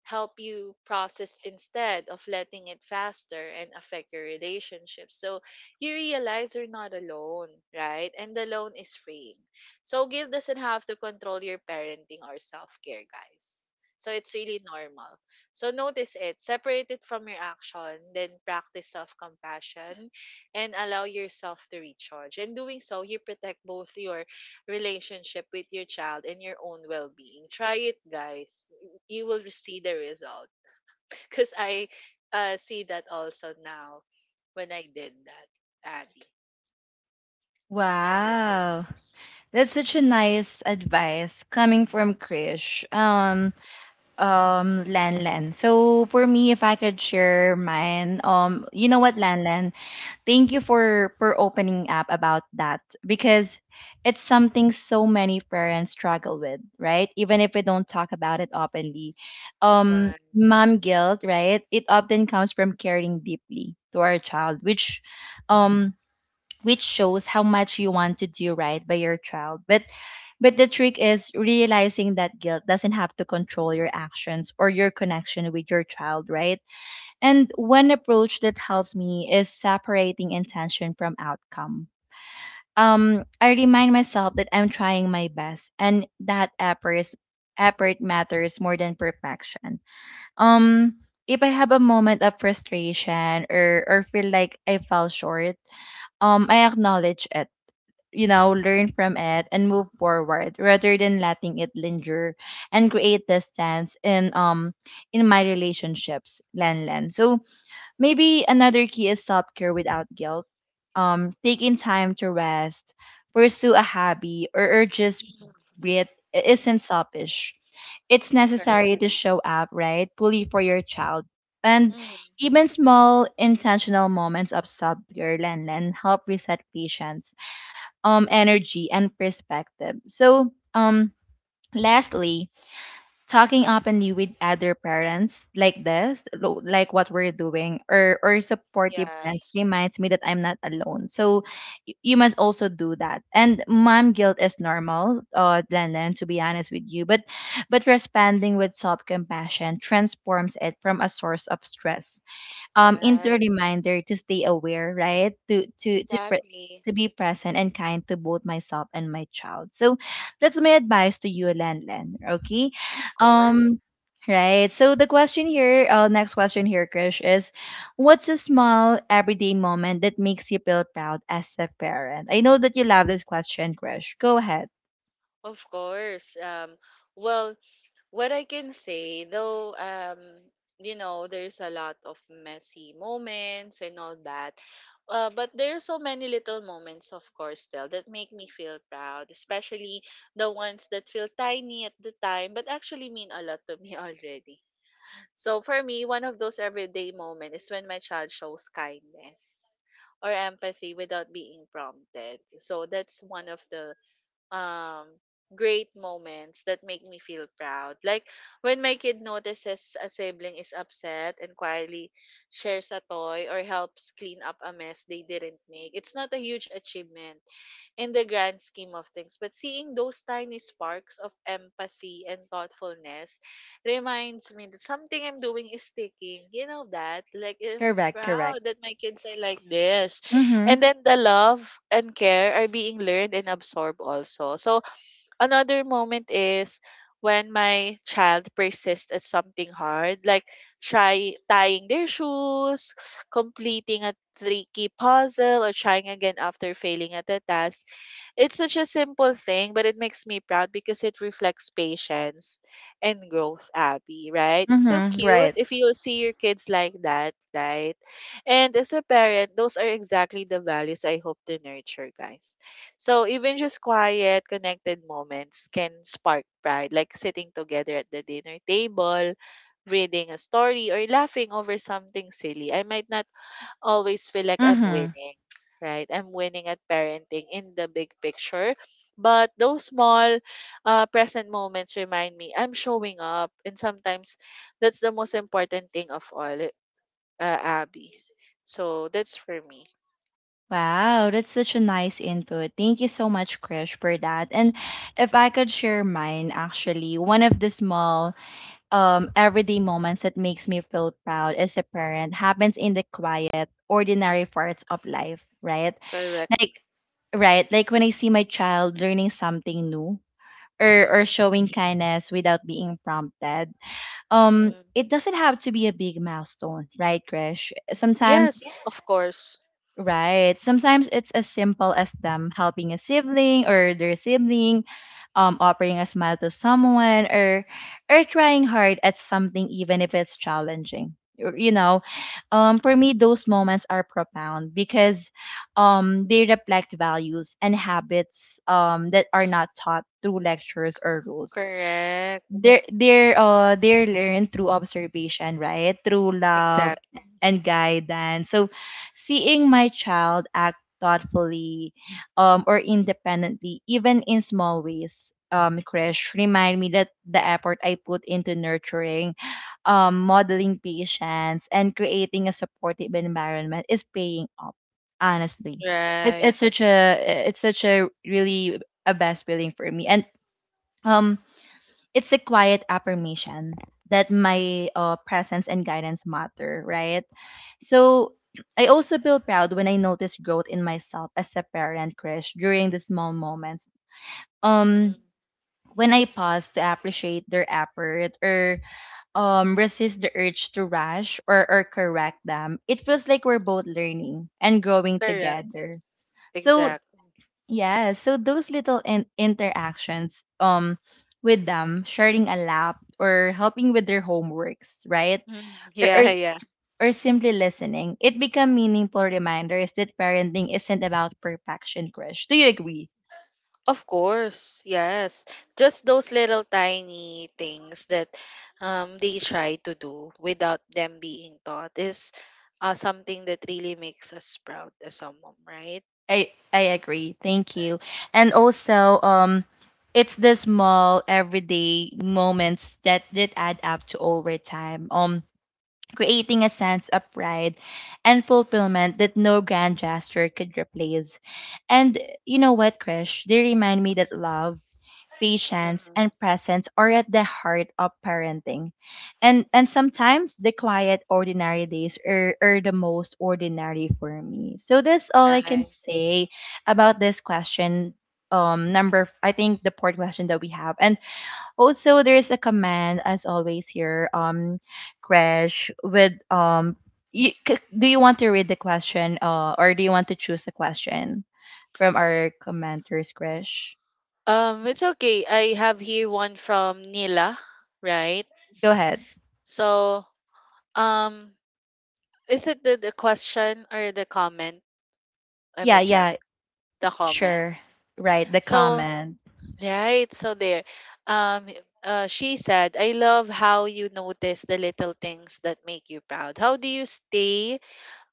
help you process instead of letting it faster and affect your relationship. So you realize you're not alone, right? And alone is freeing. So guilt doesn't have to control your parenting or self-care, guys. So it's really normal. So notice it, separate it from your action, then practice self-compassion and allow yourself to recharge. In doing so, you protect both your relationship with your child and your own well-being. Try it, guys, you will see the result because I see that also now when I did that, abby and
Wow.
listeners.
That's such a nice advice coming from Krish. Lan Lan. So for me, if I could share mine, you know what,
Mm-hmm.
Lan Lan? Thank you for opening up about that, because it's something so many parents struggle with, right? Even if we don't talk about it openly.
Right.
Mom guilt, right? It often comes from caring deeply to our child, um which shows how much you want to do right by your child, but the trick is realizing that guilt doesn't have to control your actions or your connection with your child, right? And one approach that helps me is separating intention from outcome. I remind myself that I'm trying my best and that effort matters more than perfection. um if I have a moment of frustration or feel like I fell short, I acknowledge it, you know, learn from it and move forward rather than letting it linger and create distance in my relationships, Len Len. So maybe another key is self care without guilt. Taking time to rest, pursue a hobby, or just breathe isn't selfish. It's
Correct.
necessary to show up, right? Fully for your child. And
Mm-hmm.
even small intentional moments of self care, Len Len, help reset patience, energy and perspective. So lastly, talking openly with other parents like this, like what we're doing, or supportive
Yeah.
friends reminds me that I'm not alone. So you must also do that. And mom guilt is normal, then, to be honest with you. But responding with self compassion transforms it from a source of stress into a
Right.
reminder to stay aware, right?
Exactly.
To be present and kind to both myself and my child. So that's my advice to you, Len Len. Okay.
Of
Um
course.
right. So the question here, next question here, Krish, is what's a small everyday moment that makes you feel proud as a parent? I know that you love this question, Krish. Go ahead.
Of course. Well, what I can say, though, there's a lot of messy moments and all that. But there are so many little moments, of course, still that make me feel proud, especially the ones that feel tiny at the time, but actually mean a lot to me already. So for me, one of those everyday moments is when my child shows kindness or empathy without being prompted. So that's one of the um great moments that make me feel proud. Like when my kid notices a sibling is upset and quietly shares a toy or helps clean up a mess they didn't make. It's not a huge achievement, in the grand scheme of things. But seeing those tiny sparks of empathy and thoughtfulness reminds me that something I'm doing is sticking. You know that? Like, I'm
Correct, correct.
proud that my kids are like this.
Mm-hmm.
And then the love and care are being learned and absorbed also. So, another moment is when my child persists at something hard, like try tying their shoes, completing a tricky puzzle, or trying again after failing at a task. It's such a simple thing, but it makes me proud because it reflects patience and growth, Abby, right? It's so
Mm-hmm.
cute
Right.
if you see your kids like that, right? And as a parent, those are exactly the values I hope to nurture, guys. So even just quiet, connected moments can spark pride, like sitting together at the dinner table, reading a story, or laughing over something silly. I might not always feel like I'm
Mm-hmm.
winning, right? I'm winning at parenting in the big picture. But those small present moments remind me I'm showing up. And sometimes that's the most important thing of all, Abby. So that's for me.
Wow, that's such a nice input. Thank you so much, Krish, for that. And if I could share mine, actually, one of the small everyday moments that makes me feel proud as a parent happens in the quiet, ordinary parts of life, right?
Correct.
Like right, like when I see my child learning something new or
Mm-hmm.
showing kindness without being prompted.
Mm-hmm.
It doesn't have to be a big milestone, right, Krish? Sometimes
Yes, of course.
right. Sometimes it's as simple as them helping a sibling or their sibling, offering a smile to someone, or trying hard at something even if it's challenging. Or, you know, for me, those moments are profound because they reflect values and habits that are not taught through lectures or rules.
Correct.
They're learned through observation, right? Through love
Exact.
and guidance. So seeing my child act thoughtfully or independently even in small ways, um, crash, remind me that the effort I put into nurturing, modeling patience and creating a supportive environment is paying off, honestly. it's
Right.
it's such a it's such a really a best feeling for me. And um it's a quiet affirmation that my, presence and guidance matter, right? So I also feel proud when I notice growth in myself as a parent, Krish, during the small moments. Um,
Mm-hmm.
when I pause to appreciate their effort or resist the urge to rush or correct them, it feels like we're both learning and growing
Correct.
together. So
Exact.
yeah, so those little interactions with them, sharing a lap or helping with their homeworks, right?
Hmm.
Or, or
Yeah, yeah.
or simply listening, it become meaningful reminders that parenting isn't about perfection, Krish. Do you agree?
Of course, yes. Just those little tiny things that they try to do without them being taught is something that really makes us proud as a mom, right?
I agree. Thank you. And also it's the small everyday moments that add up to over time. Creating a sense of pride and fulfillment that no grand gesture could replace. And you know what, Krish? They remind me that love, patience, and
Mm-hmm.
presence are at the heart of parenting. And sometimes the quiet, ordinary days are the most ordinary for me. So that's all I can
Right.
say about this question. I think the fourth question that we have, and also, there's a command as always here, Crash, with do you want to read the question, or do you want to choose a question from our commenters, Crash?
It's okay. I have here one from Nila, right?
Go ahead.
So, um, is it the question or the comment? Let
Yeah,
me check
yeah,
the comment.
sure. Right, the
So,
comment.
right. So there, um, she said, "I love how you notice the little things that make you proud. How do you stay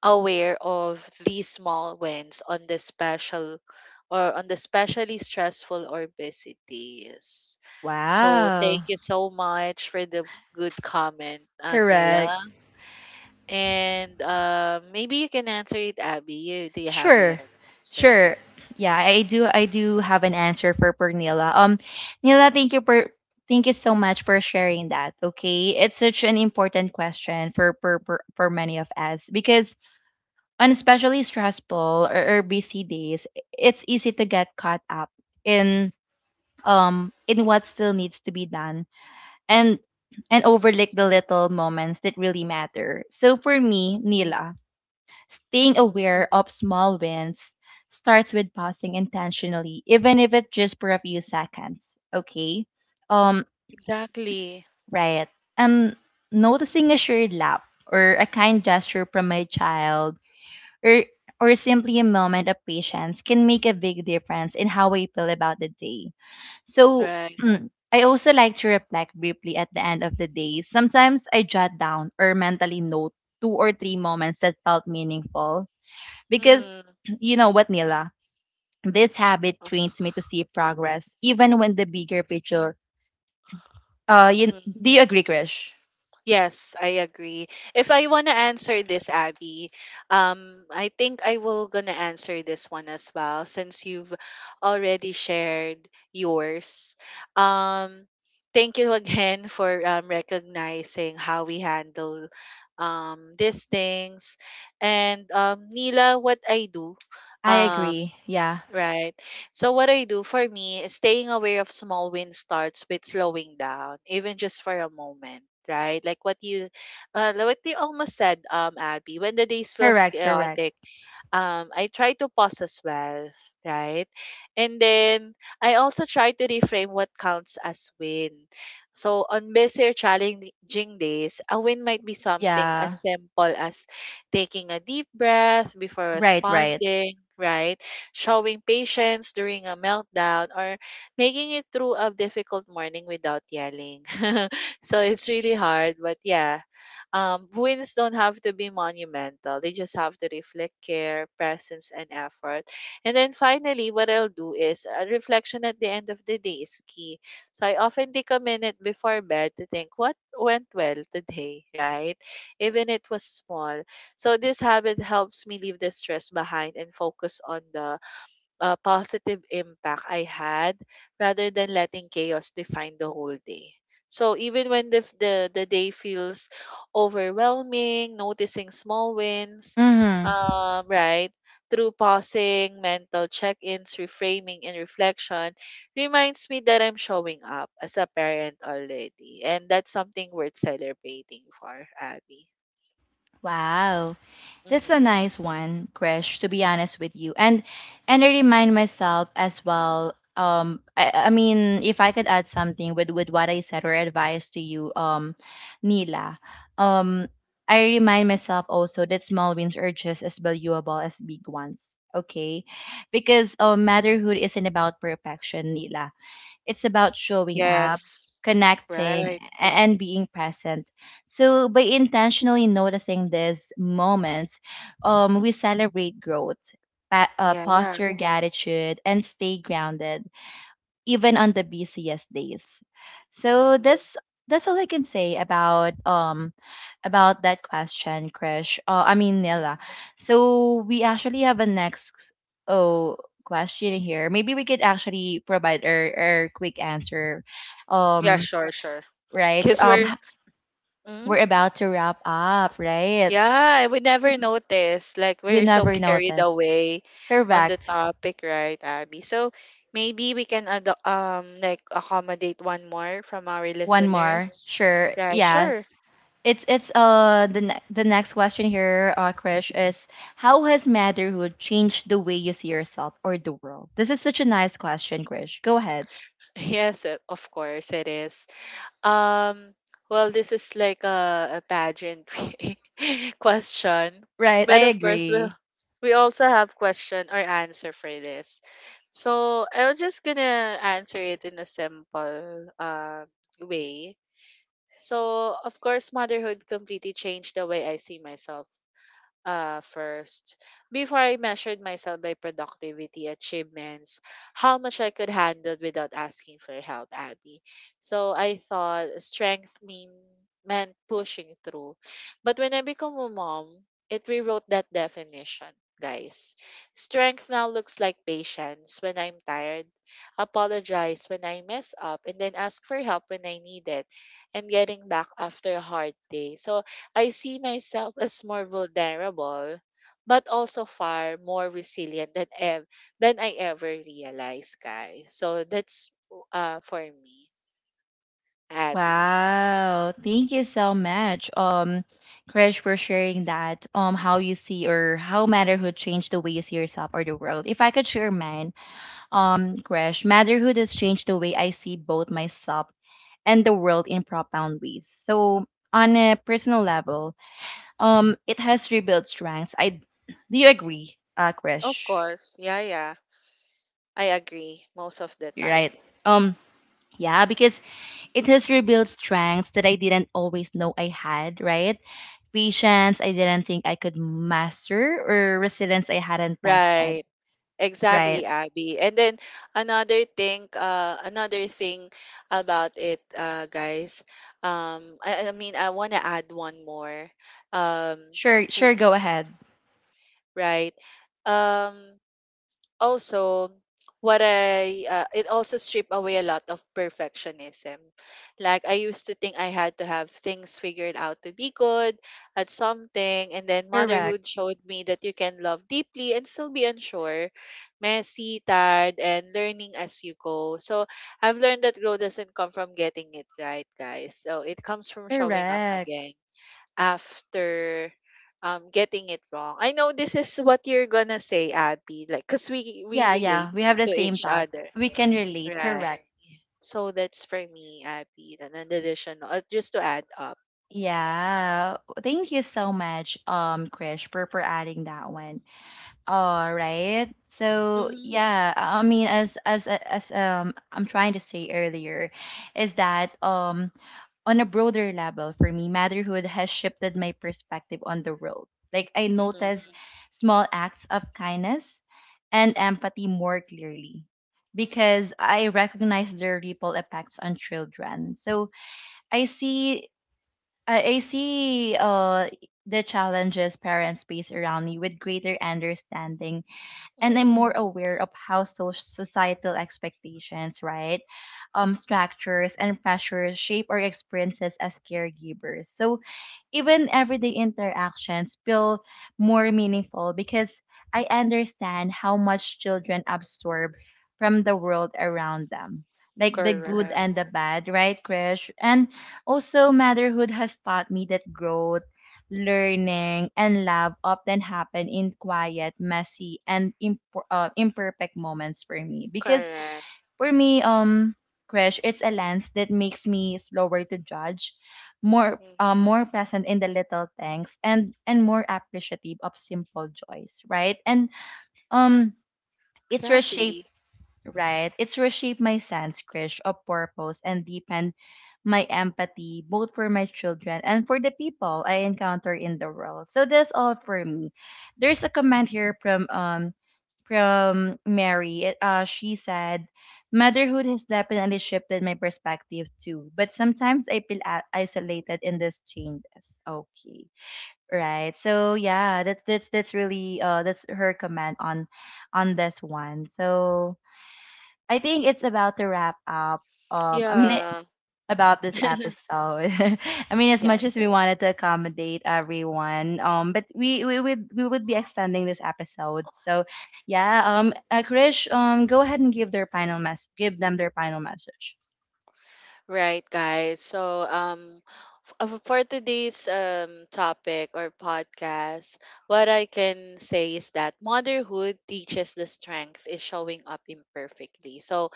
aware of these small wins on the special or on the specially stressful or busy days?" So thank
Wow,
you so much for the good comment,
correct.
Nila. And maybe you can answer it, Abby. You Do you have an
Sure.
answer for
Sure.
it?
Yeah, I do have an answer for Pernila. Nila, thank you so much for sharing that. Okay. It's such an important question for for many of us because on especially stressful or busy days, it's easy to get caught up in in what still needs to be done and and overlook
Mhm,
the little moments that really matter. So for me,
mhm,
Nila, staying
mhm.
aware of small wins starts with pausing intentionally, even if it's just for a few seconds. Okay? Um,
Exactly.
right. Um, Noticing a shared laugh or a kind gesture from my child or or simply a moment of patience can make a big difference in how I feel about the day. So
Right.
I also like to reflect briefly at the end of the day. Sometimes I jot down or mentally note two or three moments that felt meaningful because
Mm,
you know what, Nila, this habit trains me to see progress even when the bigger picture.
mm.
Do you agree, Krish?
Yes, I agree. If I want to answer this, Abby, I think I will gonna answer this one as well since you've already shared yours. Um, Thank you again for recognizing how we handle these things, and Nila, what I do,
I
um,
agree. Yeah.
right. So what I do for me, is staying aware of small wins starts with slowing down, even just for a moment. Right, like what you almost said, Abby. When the days feels
Correct. Correct.
chaotic, I try to pause as well, right? And then I also try to reframe what counts as win. So on busy challenging days, a win might be something as
Yeah.
simple as taking a deep breath before
Right. Right.
responding, right? Showing patience during a meltdown or making it through a difficult morning without yelling. So it's really hard, but yeah, wins don't have to be monumental. They just have to reflect care, presence, and effort. And then finally, what I'll do is a reflection at the end of the day is key. So I often take a minute before bed to think what went well today, right? Even it was small. So this habit helps me leave the stress behind and focus on the positive impact I had rather than letting chaos define the whole day. So even when the day feels overwhelming, noticing small wins,
Mm-hmm.
right, through pausing, mental check-ins, reframing, and reflection reminds me that I'm showing up as a parent already. And that's something worth celebrating for, Abby.
Wow. That's a
Hmm.
nice one, Krish, to be honest with you. And I remind myself as well, I mean, if I could add something with what I said or advice to you, Nila. Um I remind myself also that small wins are just as valuable as big ones. Okay? Because motherhood isn't about perfection, Nila. It's about showing up,
Yes.
connecting,
Right.
and being present. So by intentionally noticing these moments, we celebrate growth,
Yeah.
posture gratitude, and stay grounded even on the busiest days. So
Mm-hmm.
that's all I can say about that question, Krish. I mean Nila.
Mm-hmm.
So we actually have a next oh question here. Maybe we could actually provide our quick answer.
Yeah, sure,
Yes.
sure.
Right.
Because mm,
We're about to wrap up, right?
yeah, I would never notice. Like,
We
we're so
never
carried
noticed.
away on the
Correct.
topic, right, Abby? So maybe we can, like, accommodate one more from our
One more.
listeners.
Sure.
Right,
Yeah.
sure.
It's the the next question here, Krish, is how has motherhood changed the way you see yourself or the world? This is such a nice question, Krish. Go ahead.
Yes, of course it is. Um, well, this is like a pageantry question,
Right, I
but of course we
agree.
we also have question or answer for this. So I'm just gonna answer it in a simple way. So of course, motherhood completely changed the way I see myself, first. Before I measured myself by productivity, achievements, how much I could handle without asking for help, Abby. So I thought strength meant pushing through. But when I become a mom, it rewrote that definition. Guys, strength now looks like patience when I'm tired, apologize when I mess up, and then ask for help when I need it, and getting back after a hard day. So I see myself as more vulnerable, but also far more resilient than than I ever realized, guys. So that's for me, Abby.
Wow, thank you so much, Krish, for sharing that. How you see or how motherhood changed the way you see yourself or the world. If I could share mine, Krish, motherhood has changed the way I see both myself and the world in profound ways. So, on a personal level, it has rebuilt strengths. I, do you agree,
Of
Krish?
course. Yeah, yeah. I agree most of the
You're right.
time.
Um, yeah, because it has rebuilt strengths that I didn't always know I had. Right, patience I didn't think I could master, or resilience I hadn't tested.
Right. Exactly,
Right.
Abby. And then another thing about it, guys. I mean, I want to add one more. Um,
Sure.
w-
Sure. Go ahead.
right. Um, Also, what I it also stripped away a lot of perfectionism. Like I used to think I had to have things figured out to be good at something. And then
Correct.
motherhood showed me that you can love deeply and still be unsure, messy, tired, and learning as you go. So I've learned that growth doesn't come from getting it right, guys. So it comes from showing up
Correct.
again after getting it wrong. I know this is what you're gonna say, Abby, like because we
Yeah.
relate
Yeah. We have the
to
same
each
thoughts.
other.
We can relate.
Right.
Correct.
So that's for me, Abby, and an additional, just to add up.
Yeah, thank you so much, Krish, for adding that one. All right. So
Mm-hmm.
yeah, I mean, as I'm trying to say earlier, is that on a broader level for me, motherhood has shifted my perspective on the world. Like I notice
Mm-hmm.
small acts of kindness and empathy more clearly because I recognize their ripple effects on children. So I see, I see the challenges parents face around me with greater understanding, and I'm
Mm-hmm.
more aware of how societal expectations, right, structures and pressures shape our experiences as caregivers. So even everyday interactions feel more meaningful because I understand how much children absorb from the world around them. Like the good
Correct.
and the bad, right, Krish? And also,
Mm-hmm.
motherhood has taught me that growth, learning, and love often happen in quiet, messy, and imperfect moments for me. Because
Correct.
for me, Krish, it's a lens that makes me slower to judge, more
Mm-hmm.
present in the little things, and more appreciative of simple joys, right? And um, it's reshaped
Exactly.
right? It's reshaped my sense, Krish, of purpose and deepened my empathy, both for my children and for the people I encounter in the world. So that's all for me. There's a comment here from Mary. She said, "Motherhood has definitely shifted my perspective too, but sometimes I feel isolated in these changes." Okay, right. So yeah, that's really that's her comment on this one. So I think it's about to wrap up. I mean,
Yeah.
about this episode. I mean, as much as we
Yes.
wanted to accommodate everyone, but we would be extending this episode. So, yeah. Krish, go ahead and give their final mess. Give them their final message.
Right, guys. So, for today's topic or podcast, what I can say is that motherhood teaches the strength is showing up imperfectly. So,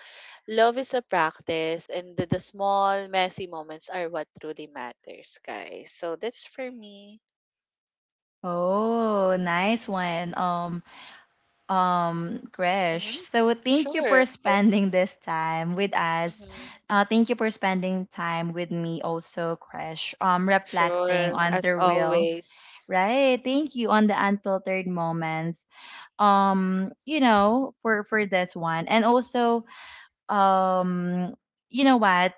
love is a practice, and the small, messy moments are what truly matters, guys. So that's for me.
Oh, nice one.
Mm-hmm.
Gresh. So thank you for
Sure.
spending this time with us.
Mm-hmm.
Thank you for spending time with me also, Gresh. Reflecting
Sure.
on
As
the real,
always.
right? Thank you on the unfiltered moments. You know, for this one, and also, um, you know what?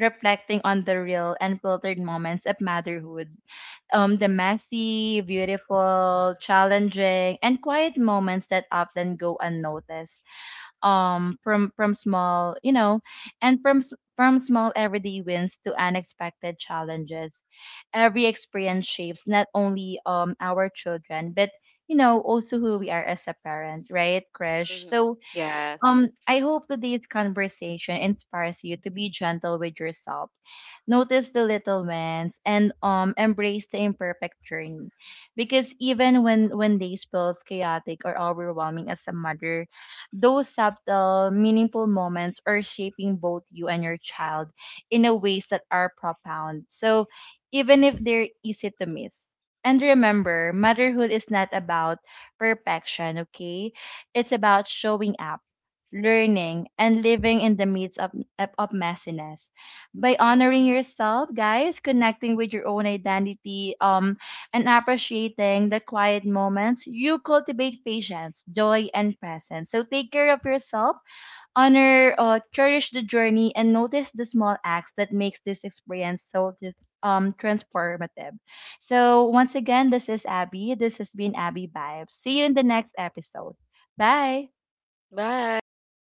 Reflecting on the real and filtered moments of motherhood, the messy, beautiful, challenging, and quiet moments that often go unnoticed. From small, you know, and from small everyday wins to unexpected challenges, every experience shapes not only our children but, you know, also who we are as a parent, right, Krish?
Mm-hmm.
So
Yes.
I hope today's conversation inspires you to be gentle with yourself. Notice the little wins and embrace the imperfect journey. Because even when days feels chaotic or overwhelming as a mother, those subtle, meaningful moments are shaping both you and your child in a ways that are profound. So even if they're easy to miss. And remember, motherhood is not about perfection, okay? It's about showing up, learning, and living in the midst of, messiness. By
Mm.
honoring yourself, guys, connecting with your own identity, and appreciating the quiet moments, you cultivate patience, joy, and presence. So take care of yourself, honor, cherish the journey, and notice the small acts that makes this experience so just transformative. So once again, this is Abby. This has been Abby Vibes. See you in the next episode. Bye.
Bye.